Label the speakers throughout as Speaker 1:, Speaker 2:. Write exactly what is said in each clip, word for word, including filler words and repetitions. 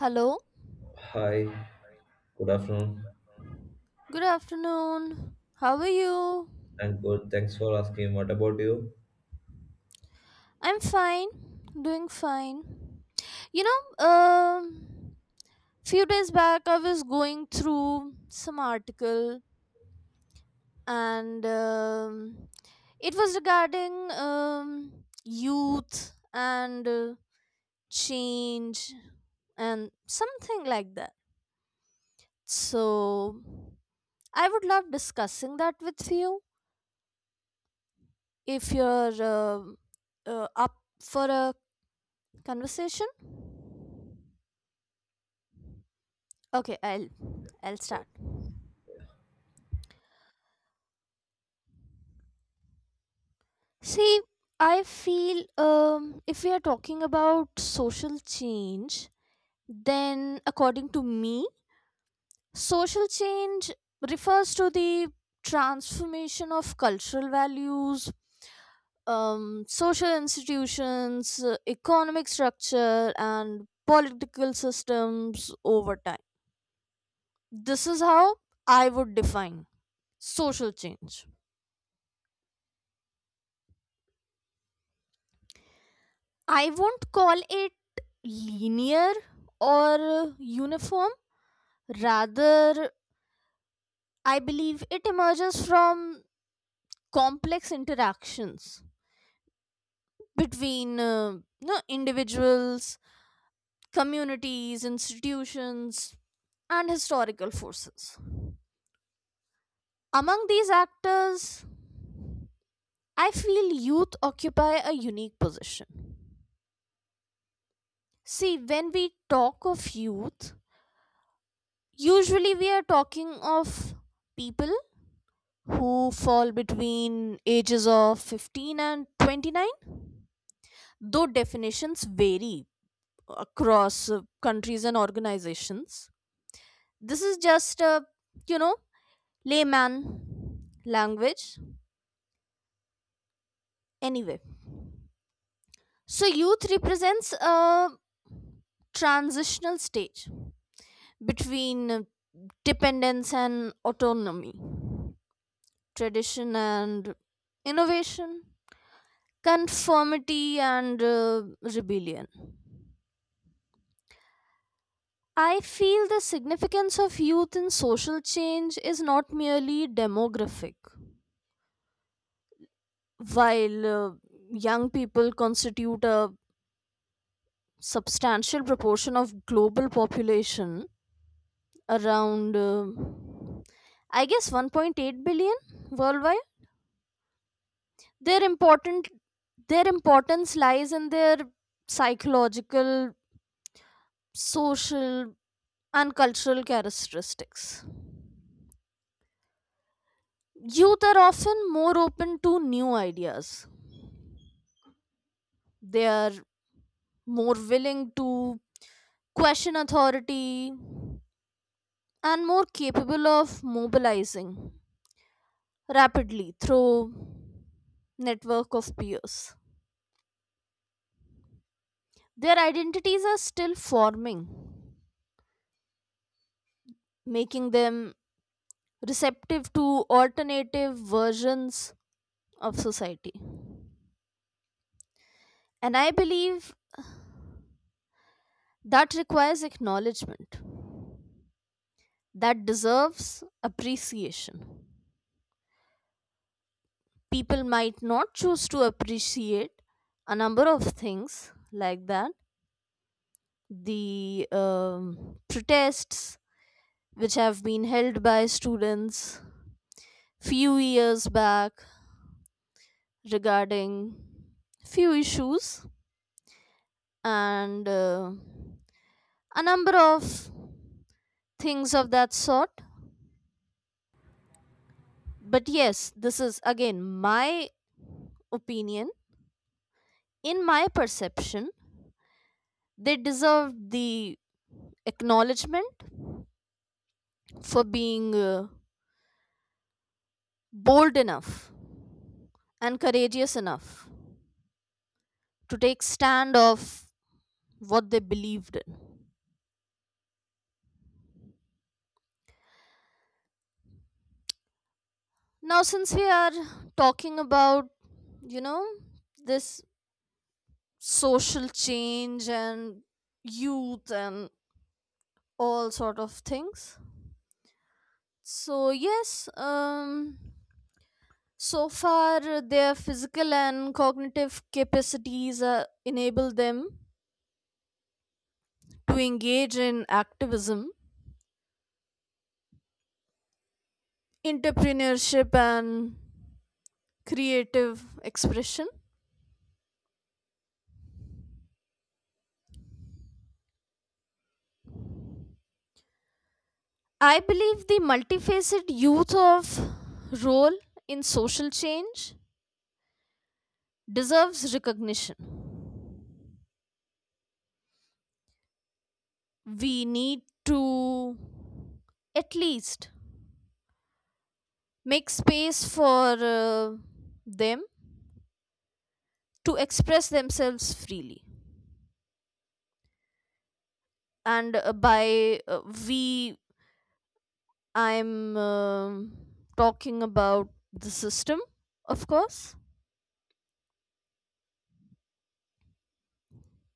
Speaker 1: Hello.
Speaker 2: Hi, good afternoon.
Speaker 1: Good afternoon. How are you?
Speaker 2: I'm good. Thanks for asking. What about you?
Speaker 1: I'm fine. Doing fine. You know, um few days back I was going through some article and um, it was regarding um, youth and uh, change and something like that. So I would love discussing that with you if you're uh, uh, up for a conversation? Okay, I'll I'll start. See, I feel um, if we are talking about social change, then according to me, social change refers to the transformation of cultural values, um, social institutions, uh, economic structure, and political systems over time. This is how I would define social change. I won't call it linear or uniform. Rather, I believe it emerges from complex interactions between uh, you know, individuals, communities, institutions, and historical forces. Among these actors, I feel youth occupy a unique position. See, when we talk of youth, usually we are talking of people who fall between ages of fifteen and twenty-nine, though definitions vary across uh, countries and organizations. This is just a, you know layman language anyway. So youth represents a transitional stage between uh, dependence and autonomy, tradition and innovation, conformity and uh, rebellion. I feel the significance of youth in social change is not merely demographic. While uh, young people constitute a substantial proportion of global population, around uh, I guess one point eight billion worldwide, their important their importance lies in their psychological, social, and cultural characteristics. Youth are often more open to new ideas. They are more willing to question authority and more capable of mobilizing rapidly through network of peers. Their identities are still forming, making them receptive to alternative versions of society. And I believe that requires acknowledgement, that deserves appreciation. People might not choose to appreciate a number of things like that, the um, protests which have been held by students few years back regarding few issues, and uh, a number of things of that sort. But yes, this is again my opinion. In my perception, they deserved the acknowledgement for being uh, bold enough and courageous enough to take stand of what they believed in. Now, since we are talking about, you know this social change and youth and all sort of things, so yes, um so far their physical and cognitive capacities uh, enable them to engage in activism, entrepreneurship, and creative expression. I believe the multifaceted youth of role in social change deserves recognition. We need to at least make space for uh, them to express themselves freely. And uh, by uh, we, I'm um talking about the system, of course.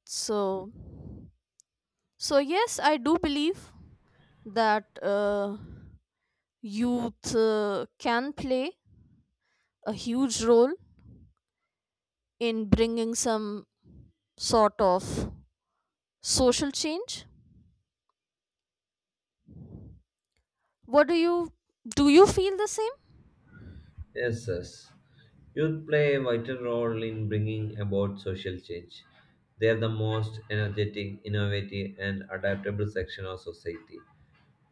Speaker 1: So, so yes, I do believe that uh, youth uh, can play a huge role in bringing some sort of social change. What do you, do you feel the same?
Speaker 2: Yes, yes. Youth play a vital role in bringing about social change. They are the most energetic, innovative, and adaptable section of society.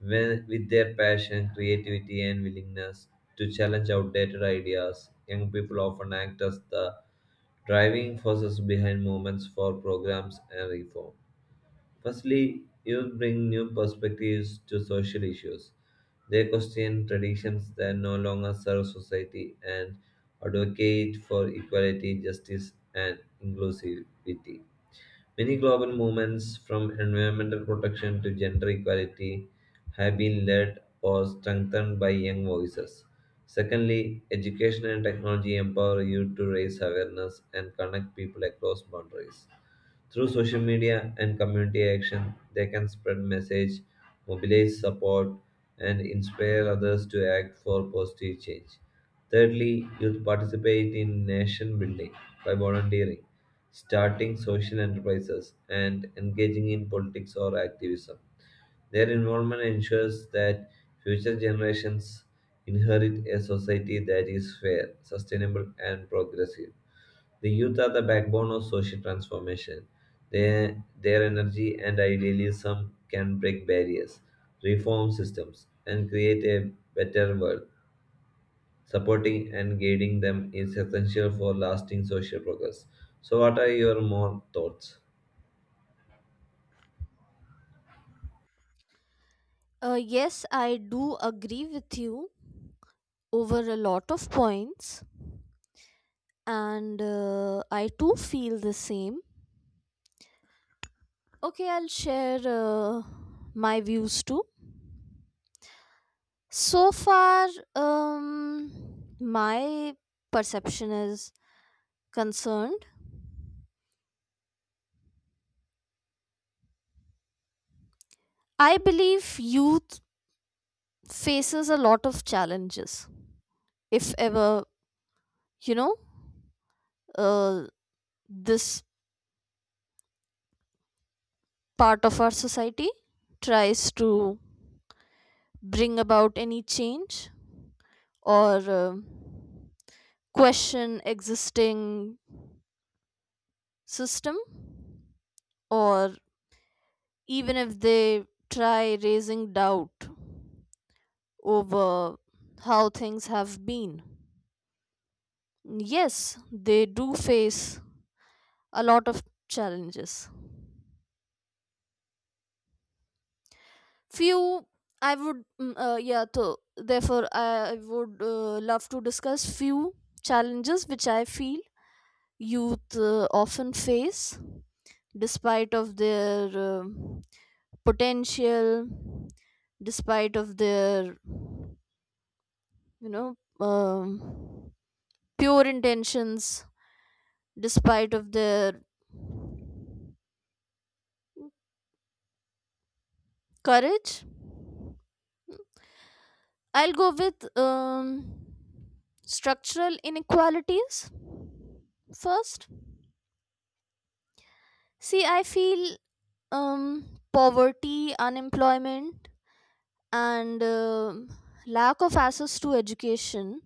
Speaker 2: When, with their passion, creativity, and willingness to challenge outdated ideas, young people often act as the driving forces behind movements for programs and reform. Firstly, youth bring new perspectives to social issues. They question traditions that no longer serve society and advocate for equality, justice, and inclusivity. Many global movements, from environmental protection to gender equality, have been led or strengthened by young voices. Secondly, education and technology empower youth to raise awareness and connect people across boundaries. Through social media and community action, they can spread message, mobilize support, and inspire others to act for positive change. Thirdly, youth participate in nation building by volunteering starting social enterprises, and engaging in politics or activism. Their involvement ensures that future generations inherit a society that is fair, sustainable, and progressive. The youth are the backbone of social transformation. Their, their energy and idealism can break barriers, reform systems, and create a better world. Supporting and guiding them is essential for lasting social progress. So, what are your more thoughts?
Speaker 1: uh, Yes, I do agree with you over a lot of points, and uh, I too feel the same. Okay, I'll share uh, my views too. So far, um my perception is concerned, I believe youth faces a lot of challenges, if ever, you know, uh, this part of our society tries to bring about any change or uh, question existing system, or even if they try raising doubt over how things have been. Yes, they do face a lot of challenges. Few, I would mm, uh, yeah, so therefore I would uh, love to discuss few challenges which I feel youth uh, often face despite of their um potential, despite of their, you know um, pure intentions, despite of their courage. I'll go with um, structural inequalities first. See, I feel um, poverty, unemployment, and um lack of access to education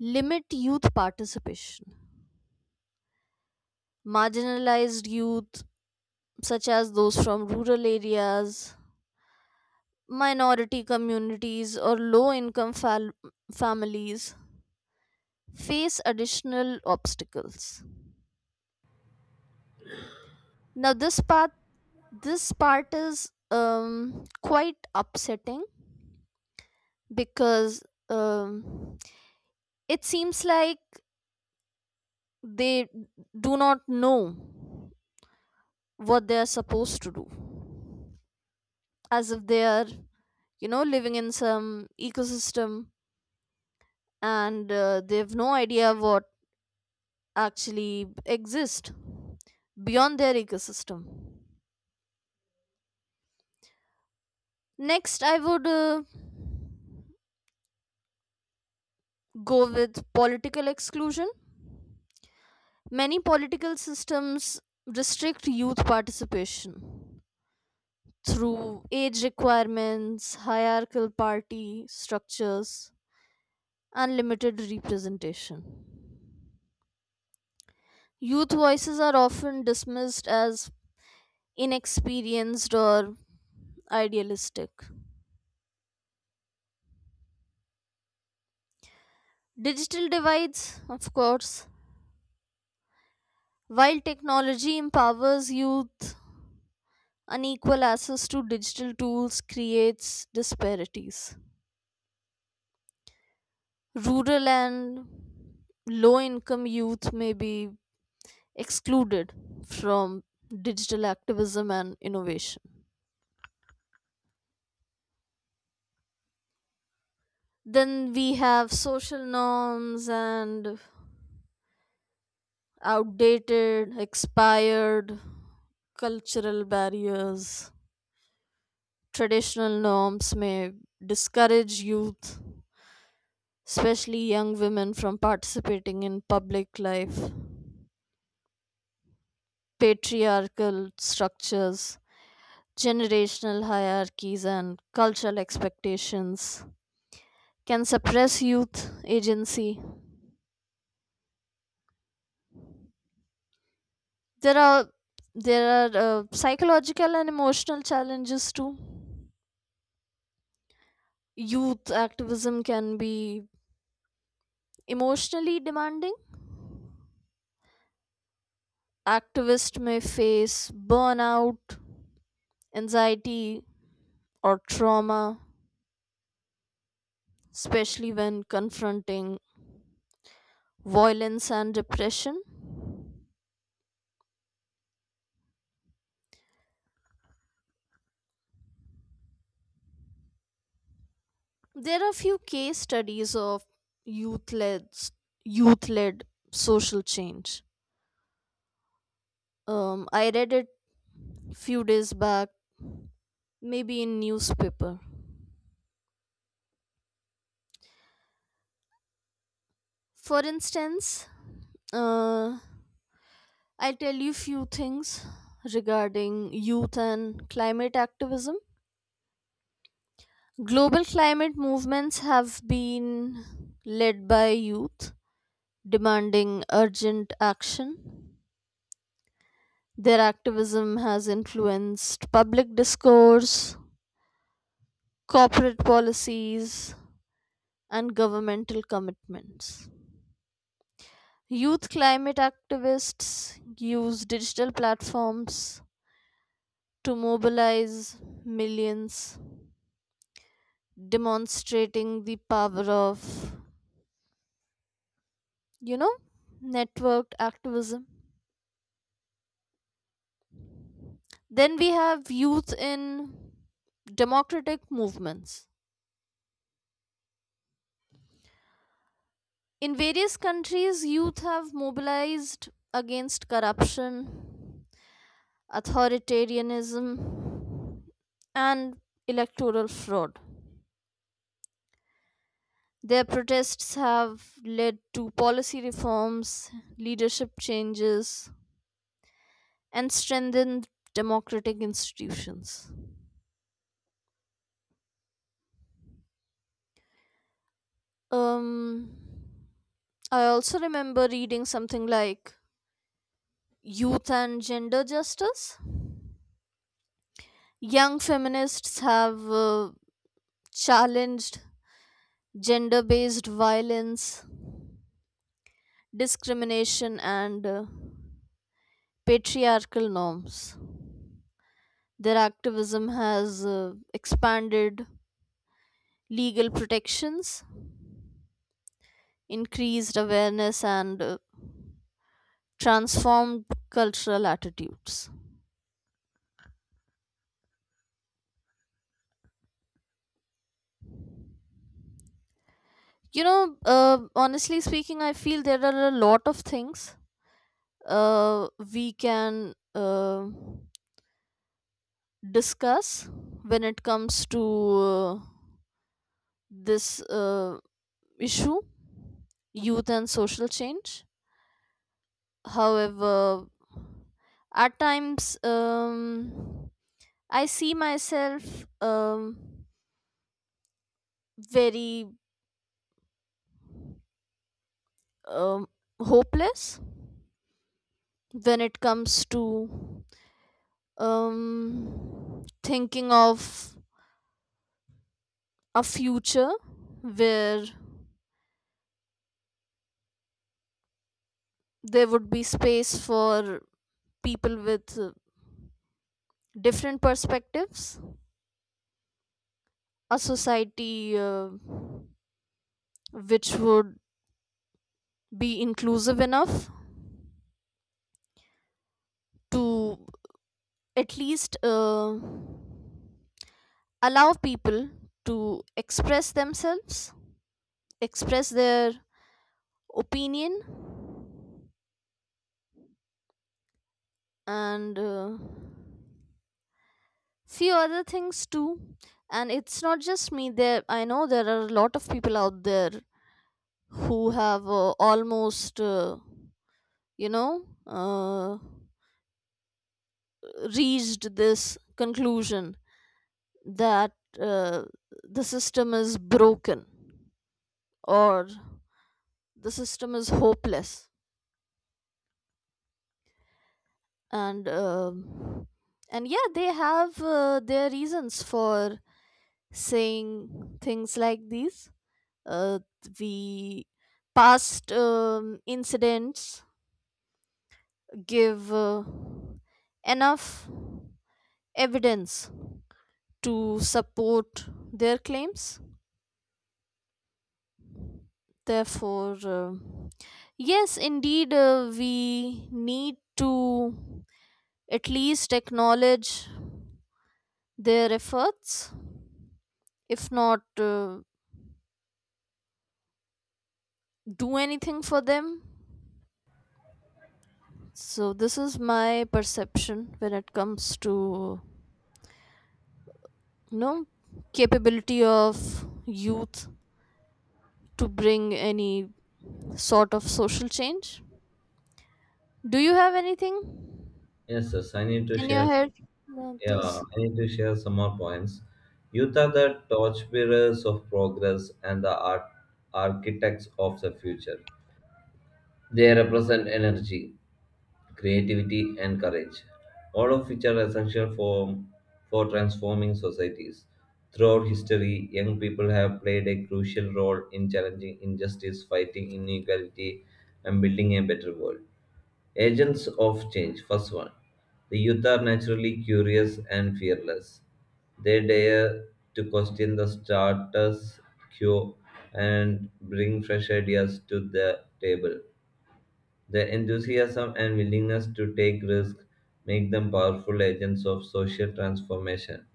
Speaker 1: limit youth participation. Marginalized youth, such as those from rural areas, minority communities, or low income fal- families, face additional obstacles. Now, this part, this part is um, quite upsetting because um, it seems like they do not know what they are supposed to do, as if they are, you know living in some ecosystem and uh, they have no idea what actually exists beyond their ecosystem. Next, I would uh, go with political exclusion. Many political systems restrict youth participation through age requirements, hierarchical party structures, unlimited representation. Youth voices are often dismissed as inexperienced or idealistic. Digital divides, of course, while technology empowers youth, unequal access to digital tools creates disparities. Rural and low income youth may be excluded from digital activism and innovation. Then we have social norms and outdated, expired, cultural barriers. Traditional norms may discourage youth, especially young women, from participating in public life. Patriarchal structures, generational hierarchies, and cultural expectations can suppress youth agency. There are there are uh, psychological and emotional challenges too. Youth activism can be emotionally demanding. Activists may face burnout, anxiety, or trauma, especially when confronting violence and depression. There are few case studies of youth-led youth-led social change. Um, I read it few days back, maybe in newspaper. For instance, uh, I'll tell you few things regarding youth and climate activism. Global climate movements have been led by youth demanding urgent action. Their activism has influenced public discourse, corporate policies, and governmental commitments. Youth climate activists use digital platforms to mobilize millions, demonstrating the power of, you know, networked activism. Then we have youth in democratic movements. In various countries, youth have mobilized against corruption, authoritarianism, and electoral fraud. Their protests have led to policy reforms, leadership changes, and strengthened democratic institutions. Um, I also remember reading something like Youth and Gender Justice. Young feminists have uh, challenged gender based violence, discrimination, and uh, patriarchal norms. Their activism has uh, expanded legal protections, increased awareness, and uh, transformed cultural attitudes. You know, uh, honestly speaking, I feel there are a lot of things uh, we can uh, discuss when it comes to uh, this uh, issue, youth and social change. However, at times um, I see myself um, very um, hopeless when it comes to um, thinking of a future where there would be space for people with uh, different perspectives, a society uh, which would be inclusive enough to at least uh, allow people to express themselves, express their opinion, and uh, few other things too. And it's not just me. There, I know there are a lot of people out there who have uh, almost. Uh, you know, uh, reached this conclusion that uh, the system is broken or the system is hopeless. And um and yeah, they have uh, their reasons for saying things like these. Uh, we past um, incidents give uh, enough evidence to support their claims. Therefore, uh, yes, indeed, uh, we need to at least acknowledge their efforts, if not uh, do anything for them. So, this is my perception when it comes to, you know capability of youth to bring any sort of social change. Do you have anything
Speaker 2: Yes, yes, I need to
Speaker 1: in your
Speaker 2: share
Speaker 1: head
Speaker 2: some.
Speaker 1: about
Speaker 2: Yeah,
Speaker 1: this?
Speaker 2: I need to share some more points. Youth are the torchbearers of progress and the art, architects of the future. They represent energy, creativity, and courage, all of which are essential for, for transforming societies. Throughout history, young people have played a crucial role in challenging injustice, fighting inequality, and building a better world. Agents of change, first one. The youth are naturally curious and fearless. They dare to question the status quo and bring fresh ideas to the table. Their enthusiasm and willingness to take risks make them powerful agents of social transformation,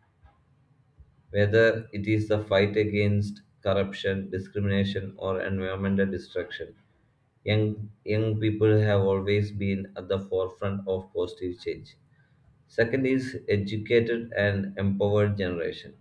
Speaker 2: whether it is the fight against corruption, discrimination, or environmental destruction. Young, young people have always been at the forefront of positive change. Second is educated and empowered generation.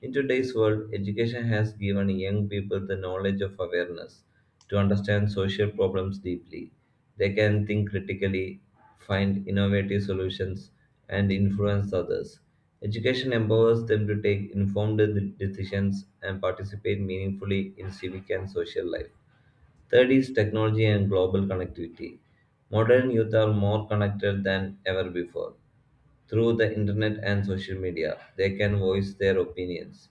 Speaker 2: In today's world, education has given young people the knowledge of awareness to understand social problems deeply. They can think critically, find innovative solutions, and influence others. Education empowers them to take informed de- decisions and participate meaningfully in civic and social life. Third is technology and global connectivity. Modern youth are more connected than ever before. Through the internet and social media, they can voice their opinions,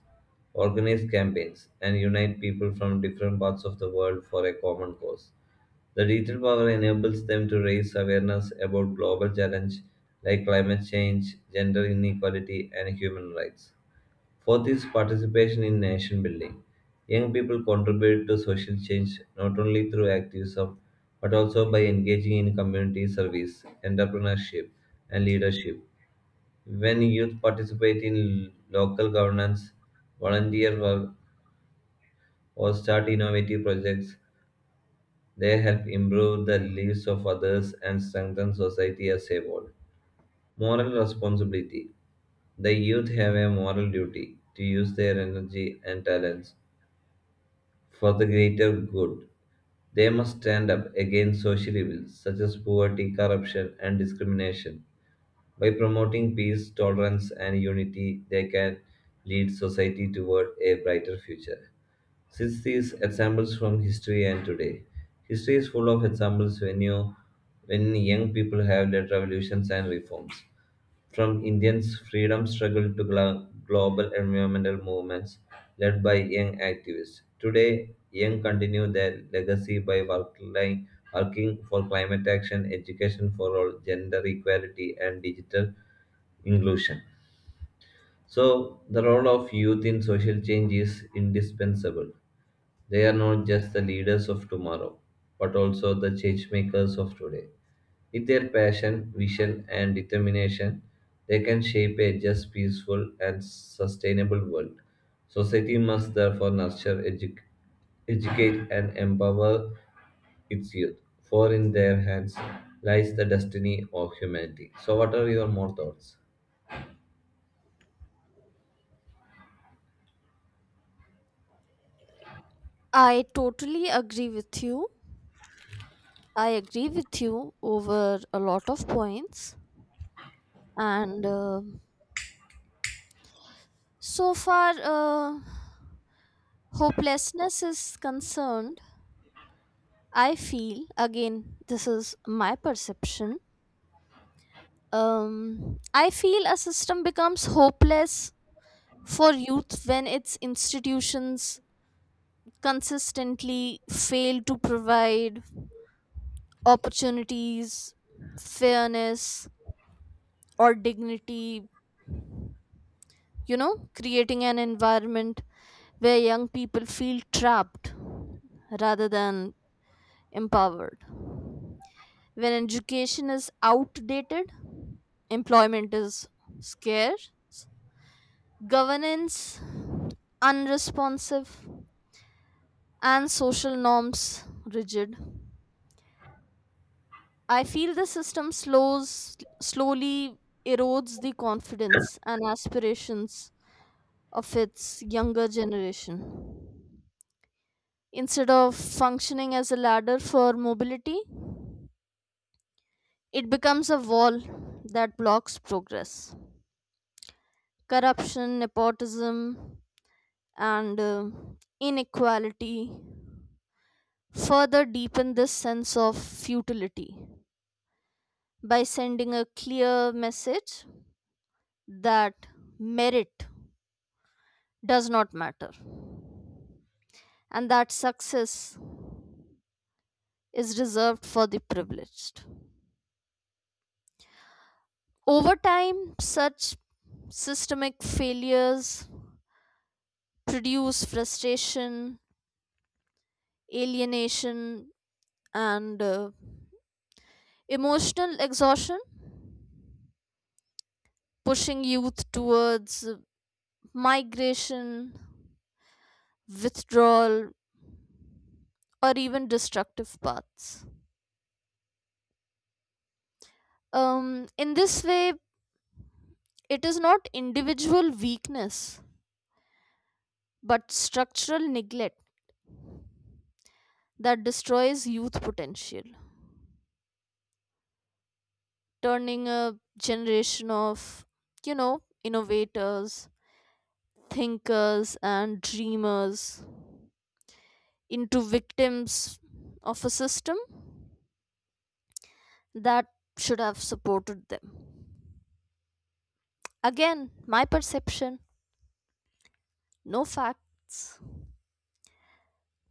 Speaker 2: organize campaigns, and unite people from different parts of the world for a common cause. The digital power enables them to raise awareness about global challenges like climate change, gender inequality, and human rights. Fourth is participation in nation building. Young people contribute to social change not only through activism but also by engaging in community service, entrepreneurship, and leadership. When youth participate in local governance, volunteer work, or start innovative projects, they help improve the lives of others and strengthen society as a whole. Moral responsibility. The youth have a moral duty to use their energy and talents for the greater good. They must stand up against social evils such as poverty, corruption, and discrimination. By promoting peace, tolerance, and unity, they can lead society toward a brighter future. Since these examples from history and today, history is full of examples when you when young people have led revolutions and reforms. From Indians' freedom struggle to glo- global environmental movements led by young activists. Today, young continue their legacy by working, working for climate action, education for all, gender equality, and digital inclusion. So, the role of youth in social change is indispensable. They are not just the leaders of tomorrow, but also the change makers of today. With their passion, vision, and determination, they can shape a just, peaceful, and sustainable world. Society must therefore nurture, edu- educate, and empower its youth, for in their hands lies the destiny of humanity. So, what are your more thoughts?
Speaker 1: I totally agree with you. I agree with you over a lot of points. And uh, so far, uh, hopelessness is concerned. I feel, again, this is my perception. Um, I feel a system becomes hopeless for youth when its institutions consistently fail to provide opportunities, fairness, or dignity, you know, creating an environment where young people feel trapped rather than empowered. When education is outdated, employment is scarce, governance unresponsive, and social norms rigid. I feel the system slows slowly erodes the confidence and aspirations of its younger generation. Instead of functioning as a ladder for mobility, it becomes a wall that blocks progress. Corruption, nepotism, and uh, inequality further deepen this sense of futility by sending a clear message that merit does not matter and that success is reserved for the privileged. Over time, such systemic failures produce frustration, alienation, and uh, emotional exhaustion, pushing youth towards uh, migration, withdrawal, or even destructive paths. Um, in this way, it is not individual weakness but structural neglect that destroys youth potential, turning a generation of, you know, innovators, thinkers, and dreamers into victims of a system that should have supported them. Again, my perception, no facts.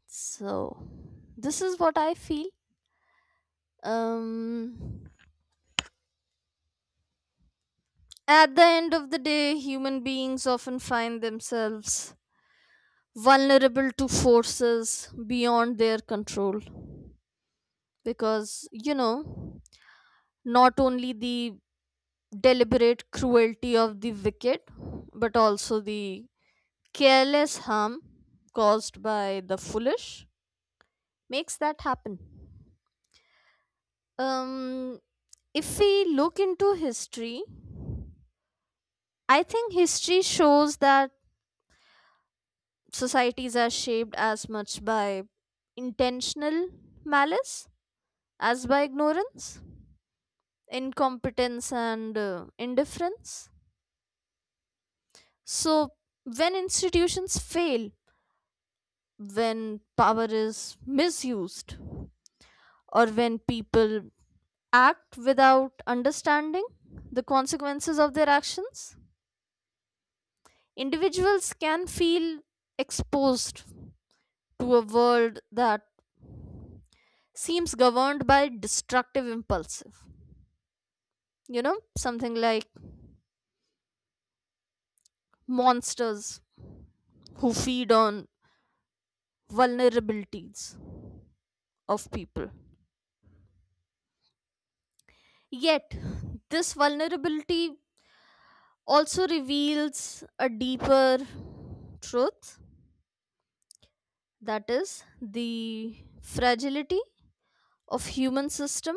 Speaker 1: So, this is what I feel. Um, at the end of the day, human beings often find themselves vulnerable to forces beyond their control because, you know, not only the deliberate cruelty of the wicked, but also the careless harm caused by the foolish makes that happen. Um, if we look into history, I think history shows that societies are shaped as much by intentional malice as by ignorance, incompetence, and uh, indifference. So, when institutions fail, when power is misused, or when people act without understanding the consequences of their actions, individuals can feel exposed to a world that seems governed by destructive impulsive. You know, something like monsters who feed on vulnerabilities of people. Yet, this vulnerability also reveals a deeper truth, that is, the fragility of human system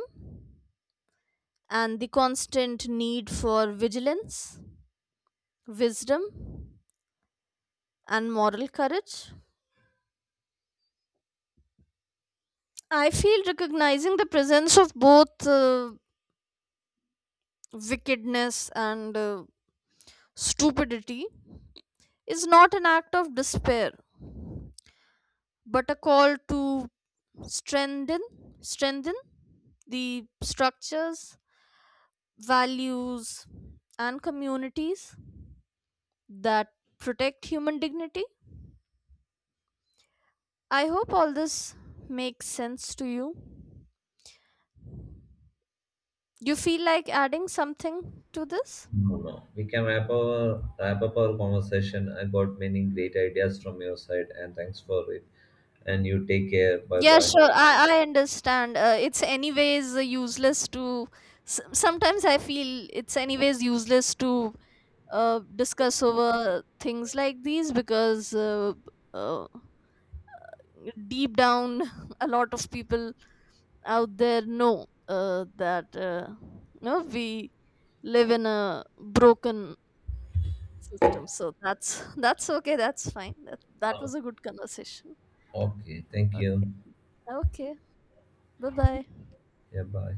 Speaker 1: and the constant need for vigilance, wisdom, and moral courage. I feel recognizing the presence of both uh, wickedness and uh, stupidity is not an act of despair, but a call to strengthen, strengthen the structures, values, and communities that protect human dignity. I hope all this makes sense to you. You feel like adding something to this?
Speaker 2: No, no. We can wrap, our, wrap up our conversation. I got many great ideas from your side, and thanks for it. And you take care. Bye
Speaker 1: Yeah,
Speaker 2: bye.
Speaker 1: sure. I, I understand. Uh, it's anyways useless to. s- Sometimes I feel it's anyways useless to uh, discuss over things like these because uh, uh, deep down, a lot of people out there know uh, that uh, no, we live in a broken system. So that's that's okay. That's fine. That that was a good conversation.
Speaker 2: Okay, thank
Speaker 1: Okay.
Speaker 2: you.
Speaker 1: Okay. Bye bye.
Speaker 2: Yeah, bye.